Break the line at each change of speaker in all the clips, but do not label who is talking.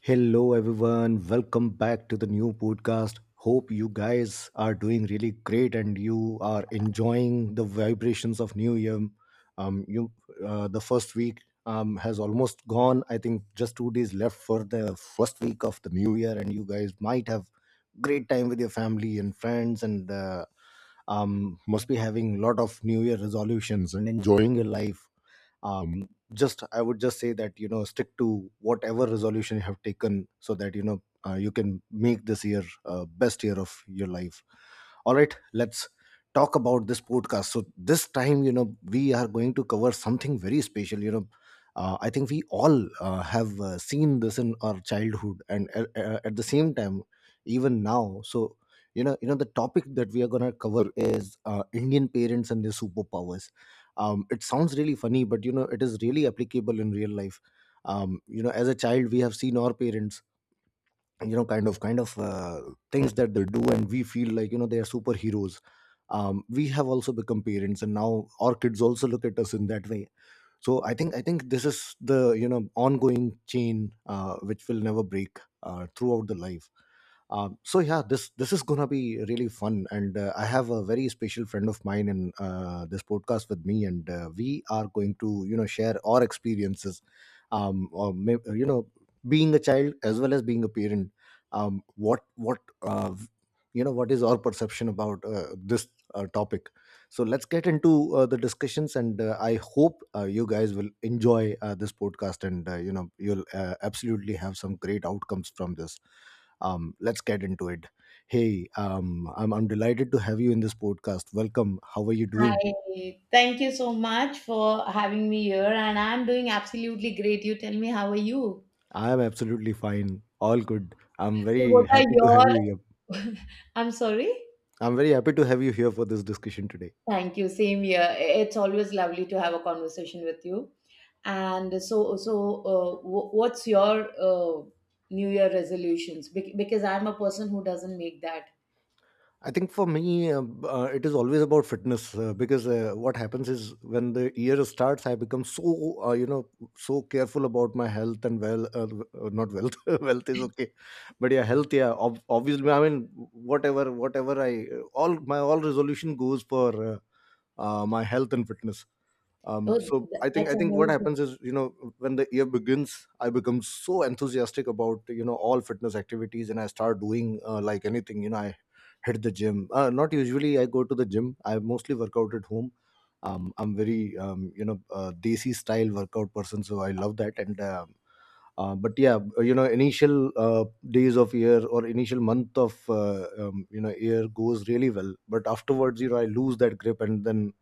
Hello, everyone. Welcome back to the new podcast. Hope you guys are doing really great and you are enjoying the vibrations of New Year. Um, you, the first week has almost gone. I think just 2 days left for the first week of the New Year, and you guys might have great time with your family and friends, and must be having a lot of New Year resolutions and enjoying your life um, just I would just say that you know stick to whatever resolution you have taken so that you know you can make this year best year of your life. All right, let's talk about this podcast. So this time, you know, we are going to cover something very special, you know, I think we all have seen this in our childhood and at the same time even now. So you know, the topic that we are going to cover is Indian parents and their superpowers. It sounds really funny, but you know it is really applicable in real life. You know, as a child we have seen our parents, you know, kind of things that they do and we feel like, you know, they are superheroes. We have also become parents and now our kids also look at us in that way. So I think this is the, you know, ongoing chain which will never break throughout the life. So yeah, this is gonna be really fun, and I have a very special friend of mine in this podcast with me, and we are going to, you know, share our experiences, or may, you know, being a child as well as being a parent. What You know, what is our perception about this topic? So let's get into the discussions, and I hope you guys will enjoy this podcast, and you know you'll absolutely have some great outcomes from this. Let's get into it. Hey, I'm delighted to have you in this podcast. Welcome. How are you doing?
Hi, thank you so much for having me here, and I'm doing absolutely great. You tell me, how are you?
I am absolutely fine. All good. I'm
So,
very
what are
happy to have
your?
you here.
I'm sorry.
I'm very happy to have you here for this discussion today.
Thank you. Same here. It's always lovely to have a conversation with you. And what's your New Year resolutions? Because I'm a person who doesn't make that.
I think for me, it is always about fitness because what happens is when the year starts, I become so you know so careful about my health and well, not wealth. Wealth is okay, but yeah, health. Yeah, obviously, I mean, whatever I, all my all resolution goes for my health and fitness. um, so i think i
That's
think what
amazing.
happens is, you know, when the year begins I become so enthusiastic about, you know, all fitness activities and I start doing like anything, you know, I hit the gym. Not usually I go to the gym, I mostly work out at home. I'm very you know desi style workout person, so I love that. And but yeah, you know, initial days of year or initial month of you know year goes really well, but afterwards, you know, I lose that grip, and then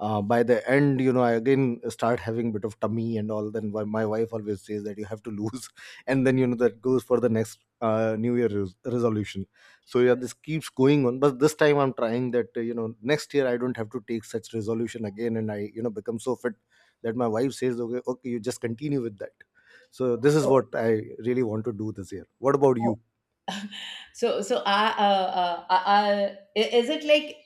by the end, you know, I again start having bit of tummy and all. Then my wife always says that you have to lose, and then you know that goes for the next new year resolution. So yeah, this keeps going on, but this time I'm trying that you know, next year I don't have to take such resolution again, and I, you know, become so fit that my wife says okay, okay, you just continue with that. So this is
Oh,
what I really want to do this year. What about
oh,
you?
I, is it like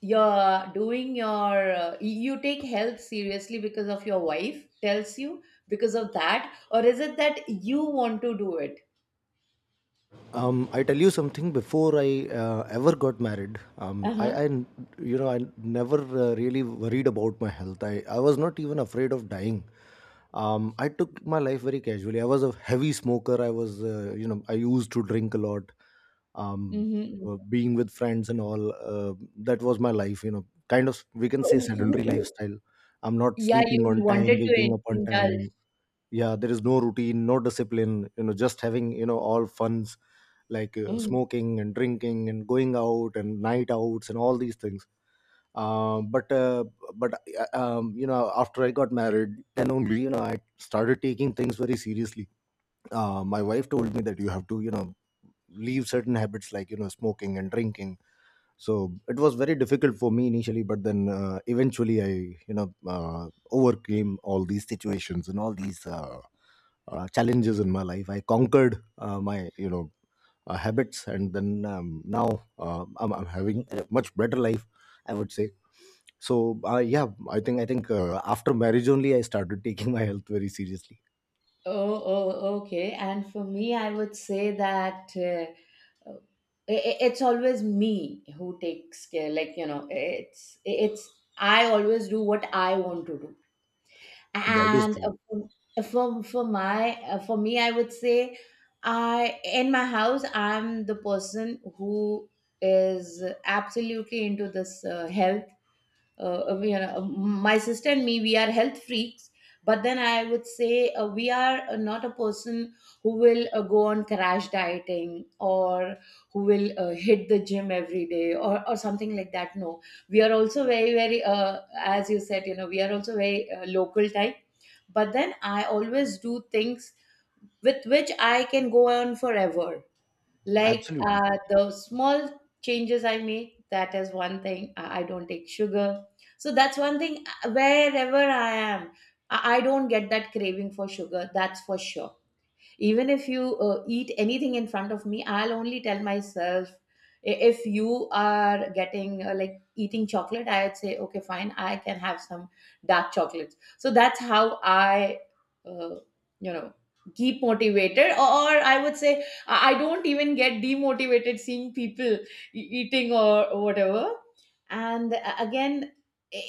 you're doing your, you take health seriously because of your wife tells you because of that, or is it that you want to do it?
I tell you something. Before I ever got married,
Uh huh.
you know, I never really worried about my health. I was not even afraid of dying. I took my life very casually. I was a heavy smoker. I was, you know, I used to drink a lot. Um,
Mm-hmm.
being with friends and all, that was my life. You know, kind of we can say
You,
sedentary
you,
lifestyle. I'm not
yeah,
sleeping on
you
time,
wanted to
waking up on
indulge.
time. Yeah, there is no routine, no discipline, you know, just having, you know, all funs like
Mm.
smoking and drinking and going out and night outs and all these things. Um, but uh, but You know, after I got married, then only, you know, I started taking things very seriously. My wife told me that you have to, you know, leave certain habits like, you know, smoking and drinking. So it was very difficult for me initially, but then eventually I, you know, overcame all these situations and all these challenges in my life. I conquered my, you know, habits, and then now I'm having a much better life, I would say. So yeah, I think after marriage only I started taking my health very seriously.
Oh, okay. And for me, I would say that uh, it's always me who takes care. Like, you know, it's I always do what I want to do.
That is
And
true.
for my for me I would say I in my house I'm the person who is absolutely into this health. We are, my sister and me, we are health freaks. But then I would say we are not a person who will go on crash dieting, or who will hit the gym every day, or something like that. No, we are also very very, as you said, you know, we are also very local type. But then I always do things with which I can go on forever, like
Absolutely.
the small changes I make. That is one thing, I don't take sugar, so that's one thing. Wherever I am, I don't get that craving for sugar, that's for sure. Even if you eat anything in front of me, I'll only tell myself, if you are getting, like eating chocolate, I'd say okay fine, I can have some dark chocolates. So that's how I uh, you know keep motivated. Or I would say, I don't even get demotivated seeing people eating or whatever. And again,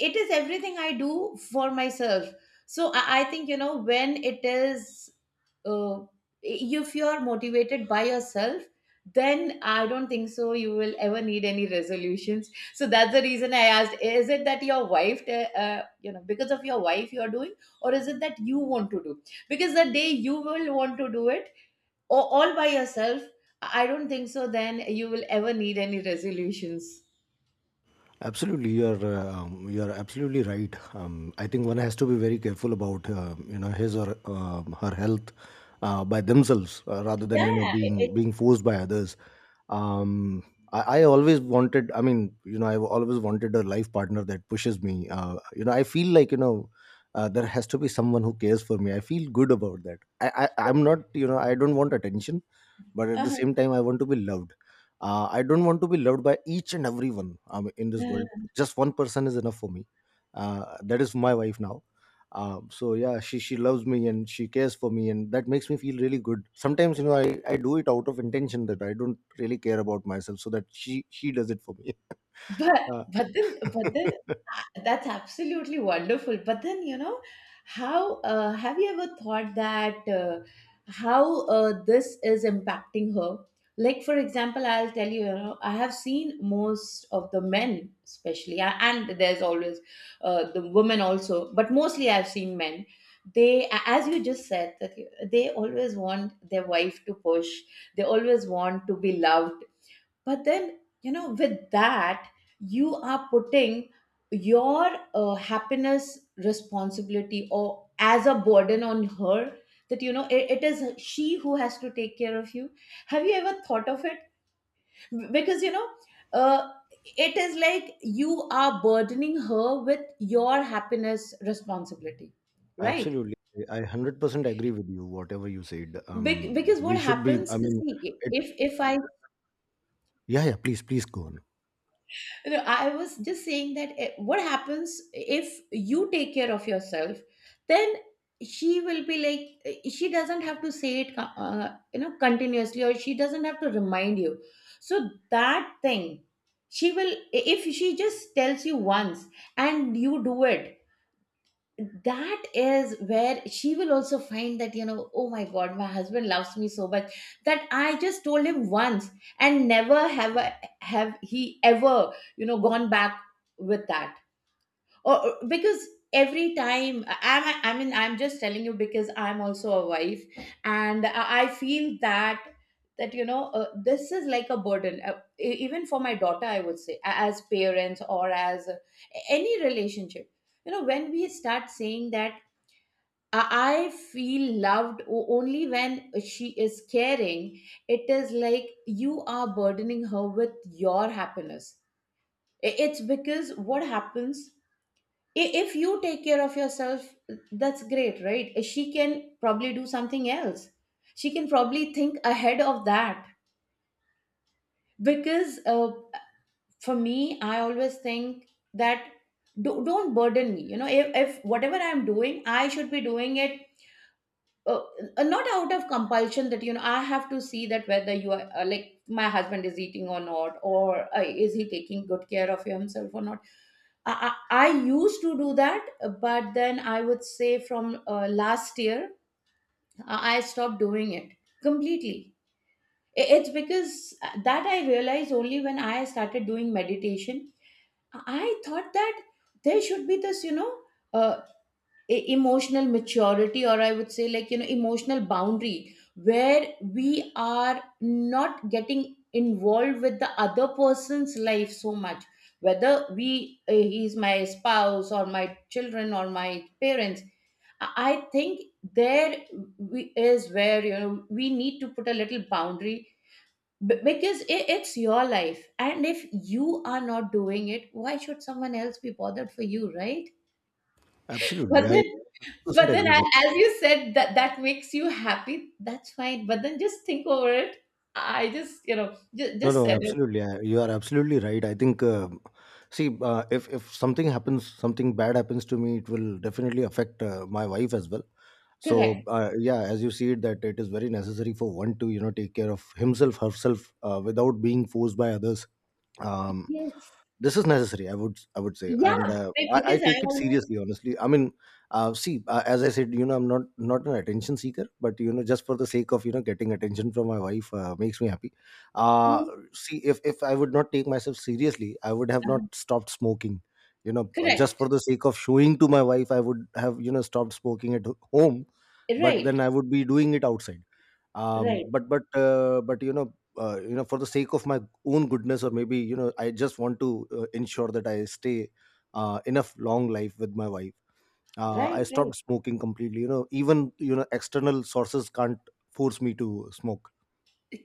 it is everything I do for myself. So I think, you know, when it is, uh, if you're motivated by yourself, then I don't think so you will ever need any resolutions. So that's the reason I asked, is it that your wife, because of your wife you're doing, or is it that you want to do? Because the day you will want to do it, or all by yourself, I don't think so then you will ever need any resolutions.
Absolutely, you're absolutely right. I think one has to be very careful about you know, his or her health by themselves rather than, you know,
Yeah,
being
it's
being forced by others. um I always wanted, I mean, you know, I've always wanted a life partner that pushes me. You know, I feel like, you know, there has to be someone who cares for me. I feel good about that. I'm not, you know, I don't want attention, but at the same time I want to be loved. I don't want to be loved by each and everyone in this
uh
world. Just one person is enough for me, that is my wife now. So yeah, she loves me and she cares for me, and that makes me feel really good. Sometimes, you know, I do it out of intention that I don't really care about myself, so that she does it for me.
but
uh,
but then but then that's absolutely wonderful. But then, you know, how have you ever thought that how this is impacting her? Like, for example, I'll tell you, you know, I have seen most of the men, especially, and there's always the women also, but mostly I've seen men. They, as you just said, that they always want their wife to push. They always want to be loved, but then you know with that you are putting your happiness responsibility, or as a burden on her, that you know it is she who has to take care of you. Have you ever thought of it? Because you know, uh, it is like you are burdening her with your happiness responsibility, right?
Absolutely, I 100% agree with you whatever you said.
Because
We
what
should be
happens,
I mean
see,
it,
if I
Yeah, please, go on.
no, I was just saying that, eh, what happens if you take care of yourself, then she will be like, eh, she doesn't have to say it, you know, continuously, or she doesn't have to remind you. So that thing, she will, eh, if she just tells you once and you do it, that is where she will also find that, you know, oh my god, my husband loves me so much, that I just told him once and never have he ever, you know, gone back with that. Or because every time I mean, I'm just telling you because I'm also a wife, and I feel that, that you know, this is like a burden. E- even for my daughter, I would say, as parents, or as any relationship, you know, when we start saying that I feel loved only when she is caring, it is like you are burdening her with your happiness. It's because what happens, if you take care of yourself, that's great, right? She can probably do something else, she can probably think ahead of that. Because for me, I always think that, don't burden me, you know, if whatever I'm doing, I should be doing it, uh, not out of compulsion, that you know, I have to see that whether you are, like my husband is eating or not, or is he taking good care of himself or not. I used to do that, but then I would say, from last year, I stopped doing it completely. It's because that I realized only when I started doing meditation, I thought that there should be this, you know, uh, emotional maturity, or I would say, like, you know, emotional boundary, where we are not getting involved with the other person's life so much. Whether we he's my spouse, or my children, or my parents, I think there, we, is where, you know, we need to put a little boundary. Because it's your life, and if you are not doing it, why should someone else be bothered for you, right?
Absolutely,
but
I
then
100% agree
I,
with you.
as you said, that that makes you happy, that's fine. But then, just think over it. I just, you know,
No
just
no
said it.
absolutely, you are absolutely right. I think see, if something happens, something bad happens to me, it will definitely affect my wife as well. So
Correct.
yeah, as you see it, that it is very necessary for one to, you know, take care of himself, herself, without being forced by others. um,
Yes.
this is necessary, I would, say.
Yeah.
And I
Because I
take it
always
seriously, honestly, I mean, see, as I said, you know, I'm not an attention seeker, but you know, just for the sake of, you know, getting attention from my wife makes me happy. uh,
do.
See, if I would not take myself seriously, I would have not stopped smoking. You know, just for
Correct.
the sake of showing to my wife, I would have, you know, stopped smoking at home, but
Right.
then I would be doing it outside. um
Right.
but but uh, but you know, you know, for the sake of my own goodness, or maybe, you know, I just want to ensure that I stay enough long life with my wife.
Right.
I
Right.
stopped smoking completely. You know, even, you know, external sources can't force me to smoke.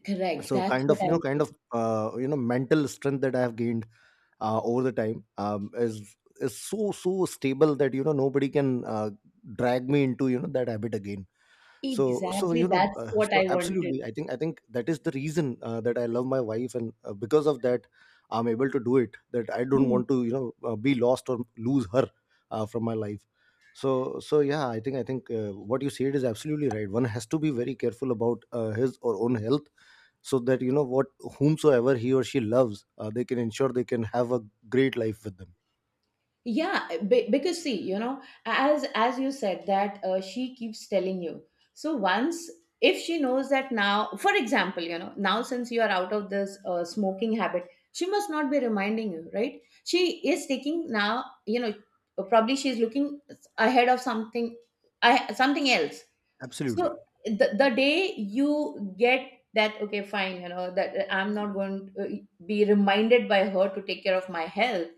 Correct.
So
That's
kind
what
of, you know,
I'm saying.
you know, mental strength that I have gained over the time, is so stable that, you know, nobody can drag me into, you know, that habit again. So, you
Exactly.
know,
That's what
so
I
absolutely,
wanted.
I think that is the reason that I love my wife, and because of that I'm able to do it, that I don't
Hmm.
want to, you know, be lost or lose her from my life. So, yeah, I think what you said is absolutely right. One has to be very careful about his or own health, so that, you know what, whomsoever he or she loves, they can ensure they can have a great life with them.
Yeah, because see, you know, as you said, that she keeps telling you, so once, if she knows that now, for example, you know, now since you are out of this smoking habit, she must not be reminding you, right? She is taking now, you know, probably she's looking ahead of something, something else.
Absolutely.
So the day you get that, okay fine, you know, that I'm not going to be reminded by her to take care of my health,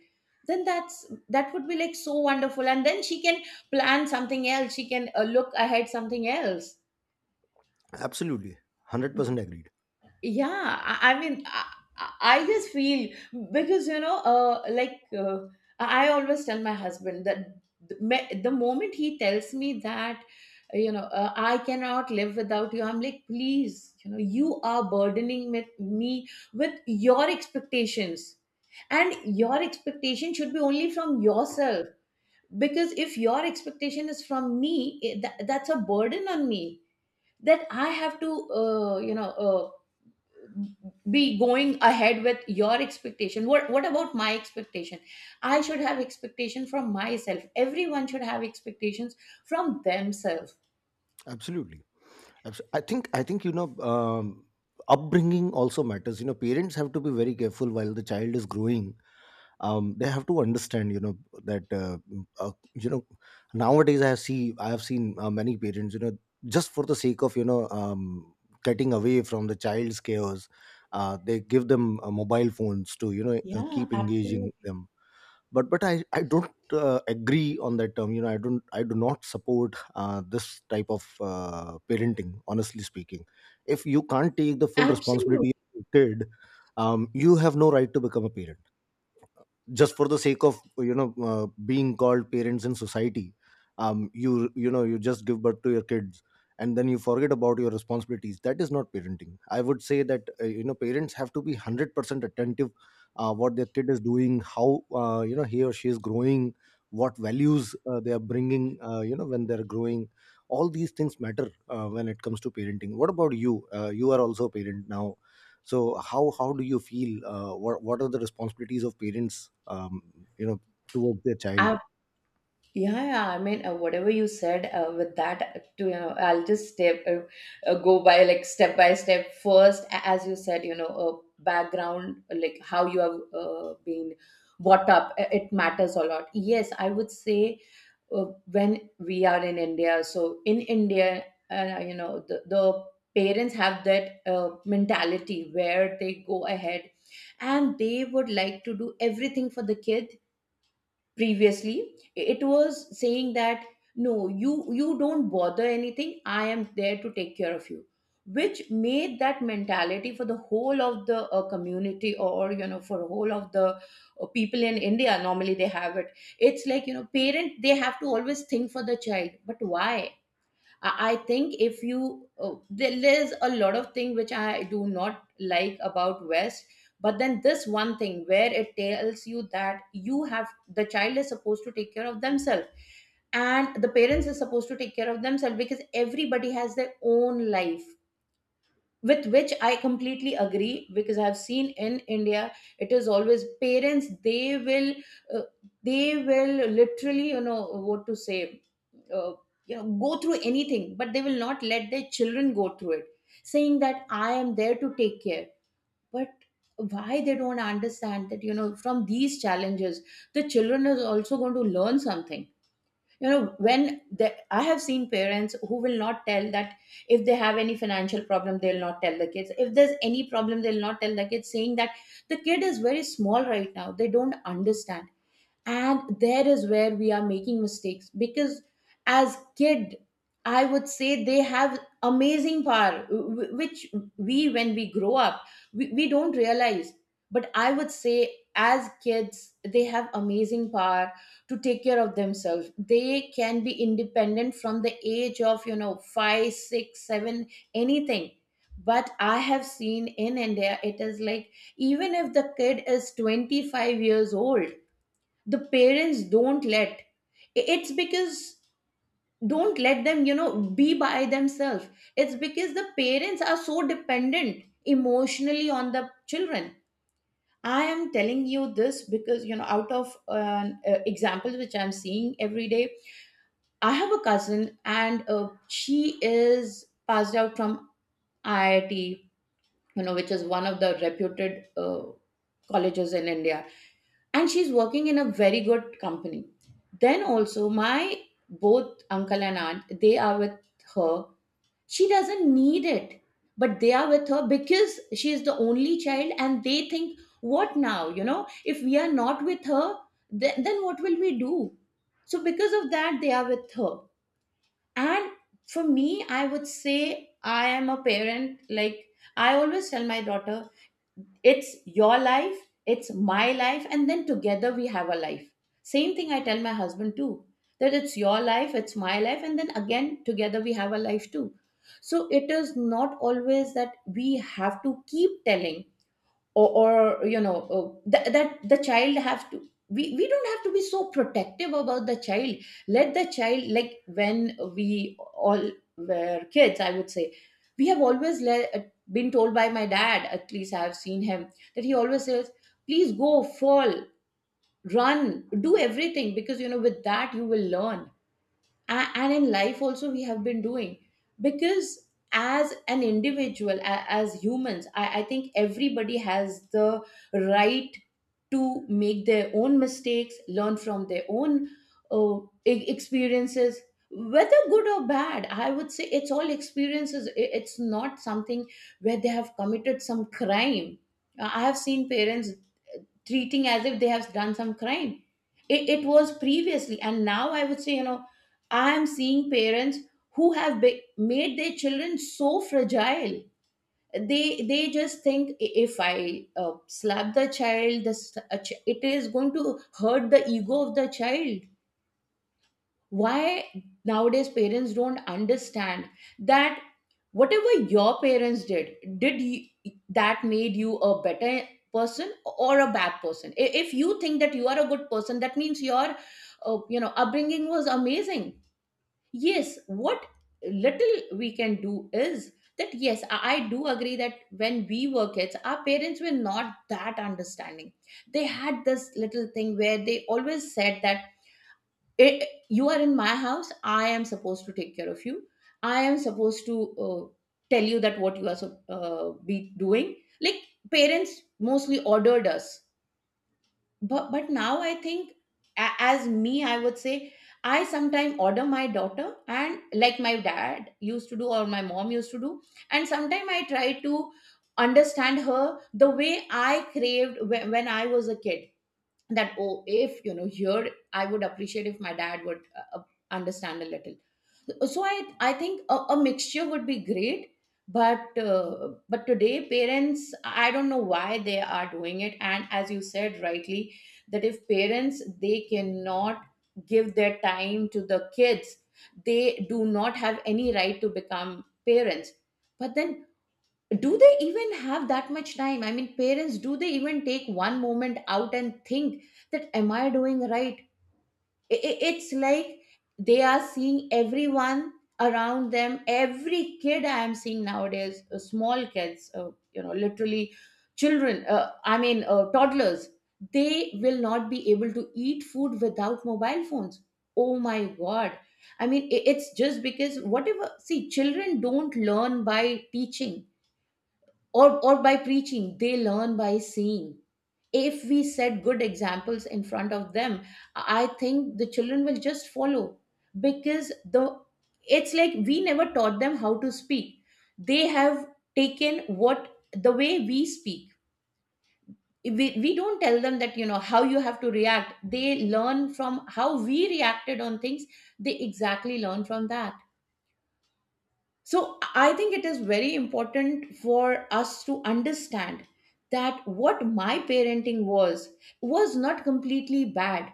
then that's, that would be like so wonderful. And then she can plan something else, she can look ahead something else.
Absolutely. 100% agreed.
Yeah, I just feel, because you know, I always tell my husband that the moment he tells me that, you know, I cannot live without you, I'm like, please, you know, you are burdening with me with your expectations. And your expectation should be only from yourself. Because if your expectation is from me, that's a burden on me, that I have to, uh, you know uh, be going ahead with your expectation. What about my expectation? I should have expectation from myself. Everyone should have expectations from themselves.
Absolutely. I think you know, upbringing also matters. You know, parents have to be very careful while the child is growing. They have to understand, you know, that nowadays I have seen many parents, you know, just for the sake of getting away from the child's chaos. They give them mobile phones to
Yeah,
keep engaging
absolutely.
them, but I don't agree on that term. You know, I do not support this type of parenting, honestly speaking. If you can't take the full
Absolutely.
responsibility of your kid, you have no right to become a parent, just for the sake of being called parents in society. You you know you just give birth to your kids and then you forget about your responsibilities. That is not parenting. I would say that you know, parents have to be 100% attentive. What their kid is doing, how you know, he or she is growing, what values they are bringing you know, when they're growing, all these things matter when it comes to parenting. What about you? You are also a parent now, so how do you feel? What are the responsibilities of parents you know towards their child?
Yeah, yeah. I mean, whatever you said with that, to you know, I'll just step go by, like, step by step. First, as you said, you know, background, like how you have been brought up, it matters a lot. Yes, I would say when we are in India. So in India, you know, the parents have that mentality where they go ahead and they would like to do everything for the kid previously. It was saying that no, you don't bother anything, I am there to take care of you, which made that mentality for the whole of the community, or you know, for whole of the people in India. Normally they have it. It's like, you know, parent, they have to always think for the child. But why? I think if you there's a lot of thing which I do not like about West, but then this one thing where it tells you that you have the child is supposed to take care of themselves, and the parents is supposed to take care of themselves, because everybody has their own life, with which I completely agree, because I've seen in India it is always parents. They will, uh, they will literally, you know, what to say, uh, you know, go through anything, but they will not let their children go through it, saying that I am there to take care. But why they don't understand that, you know, from these challenges, the children is also going to learn something. You know when I have seen parents who will not tell that if they have any financial problem, they'll not tell the kids. If there's any problem, they'll not tell the kids, saying that the kid is very small right now, they don't understand. And there is where we are making mistakes, because as kid, I would say they have amazing power which we, when we grow up, we don't realize. But I would say as kids, they have amazing power to take care of themselves. They can be independent from the age of, you know, 5 6 7, anything. But I have seen in India, it is like even if the kid is 25 years old, the parents don't let. It's because, don't let them, you know, be by themselves. It's because the parents are so dependent emotionally on the children. I am telling you this because, you know, out of examples which I'm seeing every day. I have a cousin, and she is passed out from IIT, you know, which is one of the reputed colleges in India, and she's working in a very good company. Then also my both uncle and aunt, they are with her. She doesn't need it, but they are with her because she is the only child, and they think, what now, you know, if we are not with her, then what will we do? So because of that, they are with her. And for me, I would say I am a parent, like, I always tell my daughter, it's your life, it's my life, and then together we have a life. Same thing I tell my husband too, that it's your life, it's my life, and then again together we have a life too. So it is not always that we have to keep telling, or you know, oh, that the child have to, we don't have to be so protective about the child. Let the child, like when we all were kids, I would say we have always been told by my dad, at least I have seen him, that he always says, please go, fall, run, do everything, because you know, with that you will learn. And in life also we have been doing, because as an individual, as humans, I think everybody has the right to make their own mistakes, learn from their own uh, experiences, whether good or bad. I would say it's all experiences. It's not something where they have committed some crime. I have seen parents treating as if they have done some crime. It was previously, and now I would say, you know, I am seeing parents who have made their children so fragile. They just think, " if I slap the child, this it is going to hurt the ego of the child. Why nowadays parents don't understand that whatever your parents did you, that made you a better person or a bad person. If you think that you are a good person, that means your you know, upbringing was amazing. Yes, what little we can do is that, yes, I do agree that when we were kids, our parents were not that understanding. They had this little thing where they always said that, it, you are in my house, I am supposed to take care of you, I am supposed to, uh, tell you that what you are so, be doing, like, parents mostly ordered us. But now I think, as me, I would say, I sometimes order my daughter and, like my dad used to do or my mom used to do, and sometimes I try to understand her the way I craved when, I was a kid. That, oh, if you know, here I would appreciate if my dad would understand a little. So I think a mixture would be great. But but today parents, I don't know why they are doing it. And as you said rightly, that if parents, they cannot give their time to the kids, they do not have any right to become parents. But then, do they even have that much time? I mean, parents, do they even take one moment out and think that, am I doing right? It's like they are seeing everyone around them. Every kid I am seeing nowadays, small kids, you know, literally children, I mean, toddlers, they will not be able to eat food without mobile phones. Oh my God. I mean, it's just because, whatever, see, children don't learn by teaching, or by preaching. They learn by seeing. If we set good examples in front of them, I think the children will just follow. Because the, it's like we never taught them how to speak. They have taken what, the way we speak. We don't tell them that, you know, how you have to react. They learn from how we reacted on things. They exactly learn from that. So I think it is very important for us to understand that what my parenting was not completely bad.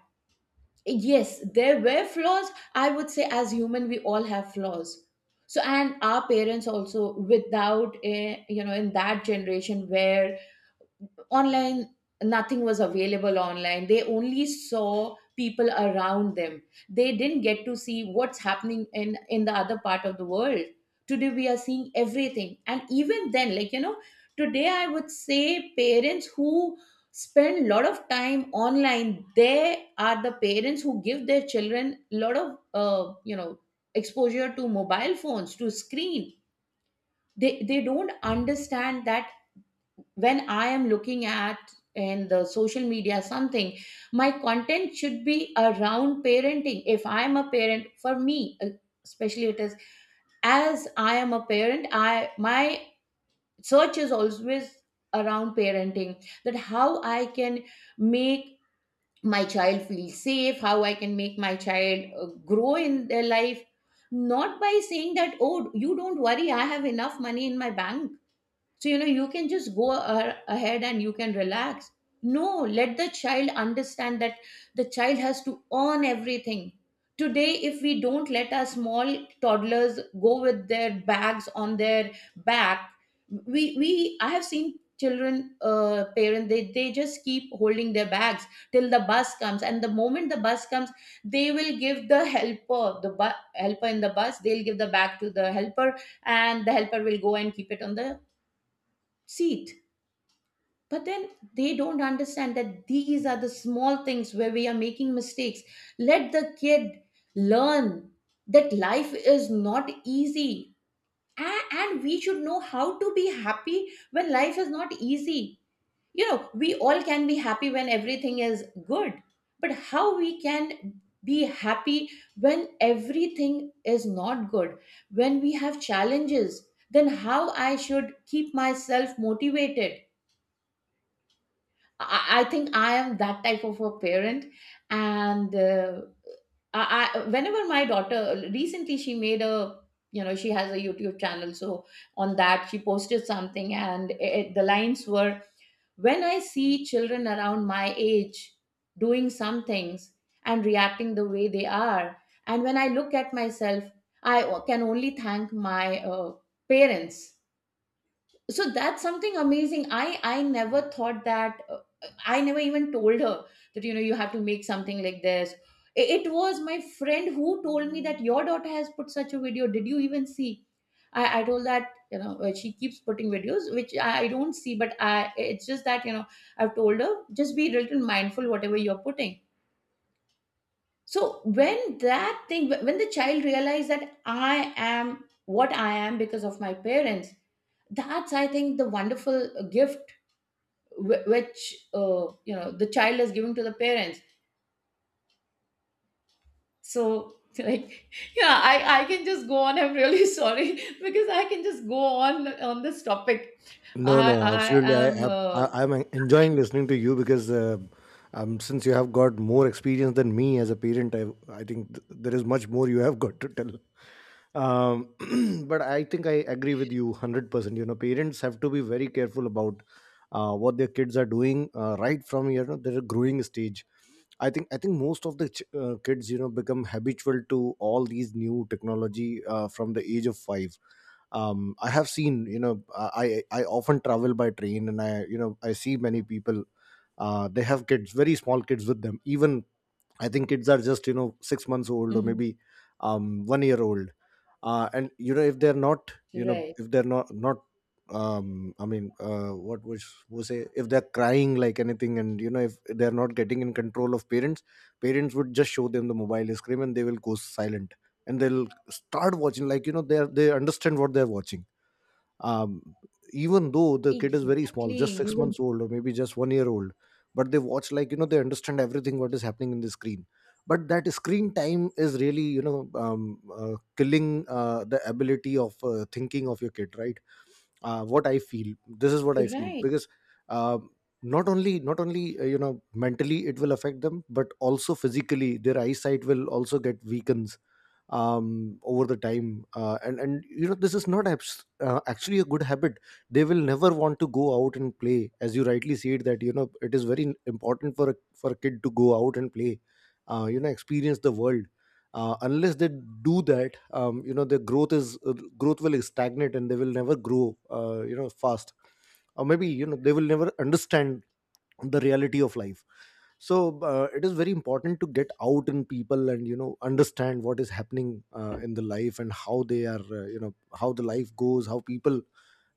Yes, there were flaws. I would say as human we all have flaws. So, and our parents also, without a, you know, in that generation where online, nothing was available online, they only saw people around them. They didn't get to see what's happening in the other part of the world. Today we are seeing everything, and even then, like, you know, today I would say parents who spend a lot of time online, they are the parents who give their children a lot of, you know, exposure to mobile phones, to screen. They don't understand that. When I am looking at, in the social media something, my content should be around parenting. If I am a parent, for me, especially it is, as I am a parent, I my search is always around parenting. That how I can make my child feel safe, how I can make my child grow in their life, not by saying that, oh, you don't worry, I have enough money in my bank, so you know, you can just go ahead and you can relax. No, let the child understand that the child has to earn everything. Today, if we don't let our small toddlers go with their bags on their back, we I have seen children, uh, parents, they just keep holding their bags till the bus comes, and the moment the bus comes, they will give the helper, the helper in the bus, they'll give the bag to the helper, and the helper will go and keep it on the seat. But then they don't understand that these are the small things where we are making mistakes. Let the kid learn that life is not easy. And we should know how to be happy when life is not easy. You know, we all can be happy when everything is good, but how we can be happy when everything is not good, when we have challenges, then how I should keep myself motivated. I think I am that type of a parent, and I whenever my daughter recently she made a, you know, she has a YouTube channel, so on that she posted something, and it, the lines were, when I see children around my age doing some things and reacting the way they are, and when I look at myself, I can only thank my parents. So that's something amazing. I never thought that, I never even told her that, you know, you have to make something like this. It was my friend who told me that your daughter has put such a video, did you even see? I told that, you know, she keeps putting videos which I don't see, but I, it's just that, you know, I've told her, just be a little mindful whatever you're putting. So when that thing, when the child realized that I am what I am because of my parents, that's, I think, the wonderful gift which, you know, the child is giving to the parents. So, like, yeah, I can just go on, I'm really sorry, because I can just go on this topic.
No,
i
no,
I
absolutely. i
am,
i I- i'm enjoying listening to you because since you have got more experience than me as a parent, I think there is much more you have got to tell. um but I think I agree with you 100%. You know, parents have to be very careful about what their kids are doing, right from you know, their growing stage. I think most of the kids, you know, become habitual to all these new technology from the age of 5. I have seen, you know, I I often travel by train, and I you know, I see many people. They have kids, very small kids with them. Even I think kids are just you know, 6 months old, or
mhm.
maybe 1 year old. And you know, if they're not, you know,
Right.
if they're not I mean, what was say, if they're crying like anything, and you know, if they're not getting in control of parents, parents would just show them the mobile screen and they will go silent, and they'll start watching. Like, you know, they understand what they're watching, um, even though the kid is very small,
Exactly.
just
You
six
will.
months old, or maybe just 1 year old. But they watch, like, you know, they understand everything what is happening in the screen. But that screen time is really, you know, killing the ability of thinking of your kid, right? What I feel, this is what I feel,
Right.
because um not only you know, mentally it will affect them, but also physically their eyesight will also get weakened over the time. And you know, this is not actually a good habit. They will never want to go out and play. As you rightly said, that you know, it is very important for a kid to go out and play, you know, experience the world. Unless they do that, you know, their growth is, growth will stagnate, and they will never grow you know, fast, or maybe, you know, they will never understand the reality of life. So it is very important to get out in people and you know, understand what is happening in the life, and how they are, you know, how the life goes, how people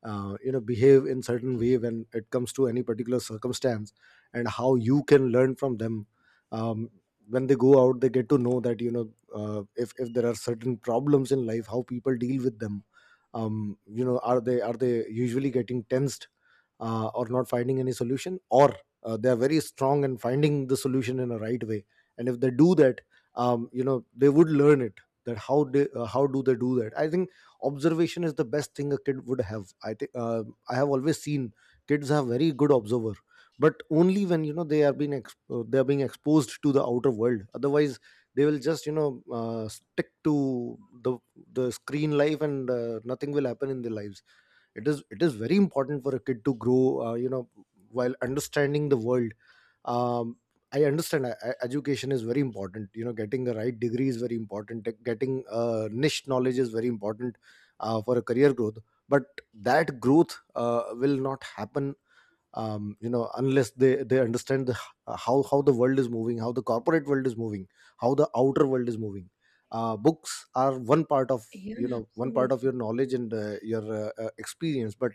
you know, behave in certain way when it comes to any particular circumstance, and how you can learn from them. um, when they go out, they get to know that you know, if there are certain problems in life, how people deal with them. You know, are they, are they usually getting tensed, or not finding any solution, or they are very strong in finding the solution in a right way. And if they do that, you know, they would learn it. That how they, how do they do that? I think observation is the best thing a kid would have. I think, I have always seen kids are very good observer, but only when, you know, they are being they are being exposed to the outer world. Otherwise, they will just, you know, stick to the the screen life, and nothing will happen in their lives. It is very important for a kid to grow, you know, while understanding the world. um, I understand education is very important, you know, getting the right degree is very important, getting niche knowledge is very important for a career growth. But that growth will not happen, you know, unless they understand the, how the world is moving, how the corporate world is moving, how the outer world is moving. Books are one part of,
Yeah,
you know, one part
absolutely.
of your knowledge and your experience, but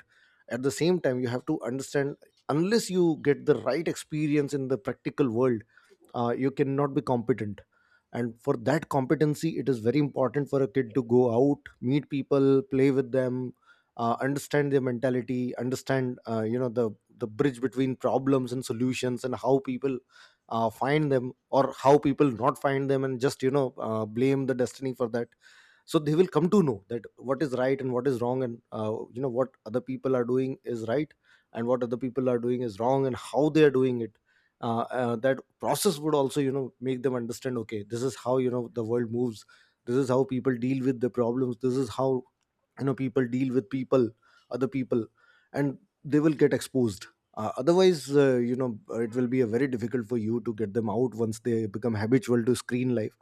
at the same time you have to understand, unless you get the right experience in the practical world, you cannot be competent. And for that competency, it is very important for a kid to go out, meet people, play with them, understand their mentality, understand you know, the bridge between problems and solutions, and how people find them, or how people not find them, and just, you know, blame the destiny for that. So they will come to know that what is right and what is wrong, and you know, what other people are doing is right, and what other people are doing is wrong, and how they are doing it. That process would also, you know, make them understand, okay, this is how, you know, the world moves, this is how people deal with the problems, this is how, you know, people deal with people, other people. And they will get exposed. Otherwise, you know, it will be a very difficult for you to get them out once they become habitual to screen life.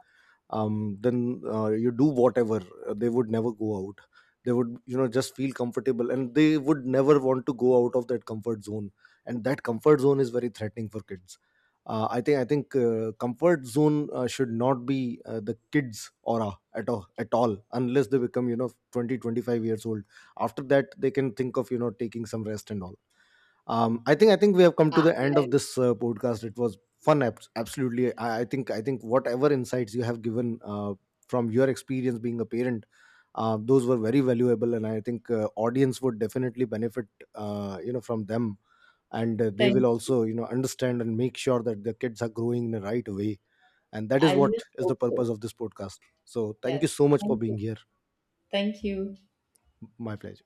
Then you do whatever, they would never go out. They would, you know, just feel comfortable, and they would never want to go out of that comfort zone. And that comfort zone is very threatening for kids. I think comfort zone should not be the kids aura at all at all, unless they become, you know, 20, 25 years old. After that, they can think of, you know, taking some rest and all. I think we have come to
Ah,
the end of
I
this podcast. It was fun, absolutely. I think whatever insights you have given, from your experience being a parent, those were very valuable, and I think audience would definitely benefit you know, from them. And they
think,
will also, you know, understand and make sure that their kids are growing in the right way. And that is
I
what
just
is the
hope
purpose
so.
of this podcast. So thank
Yeah.
you so much for
Thank you.
being here.
Thank you.
My pleasure.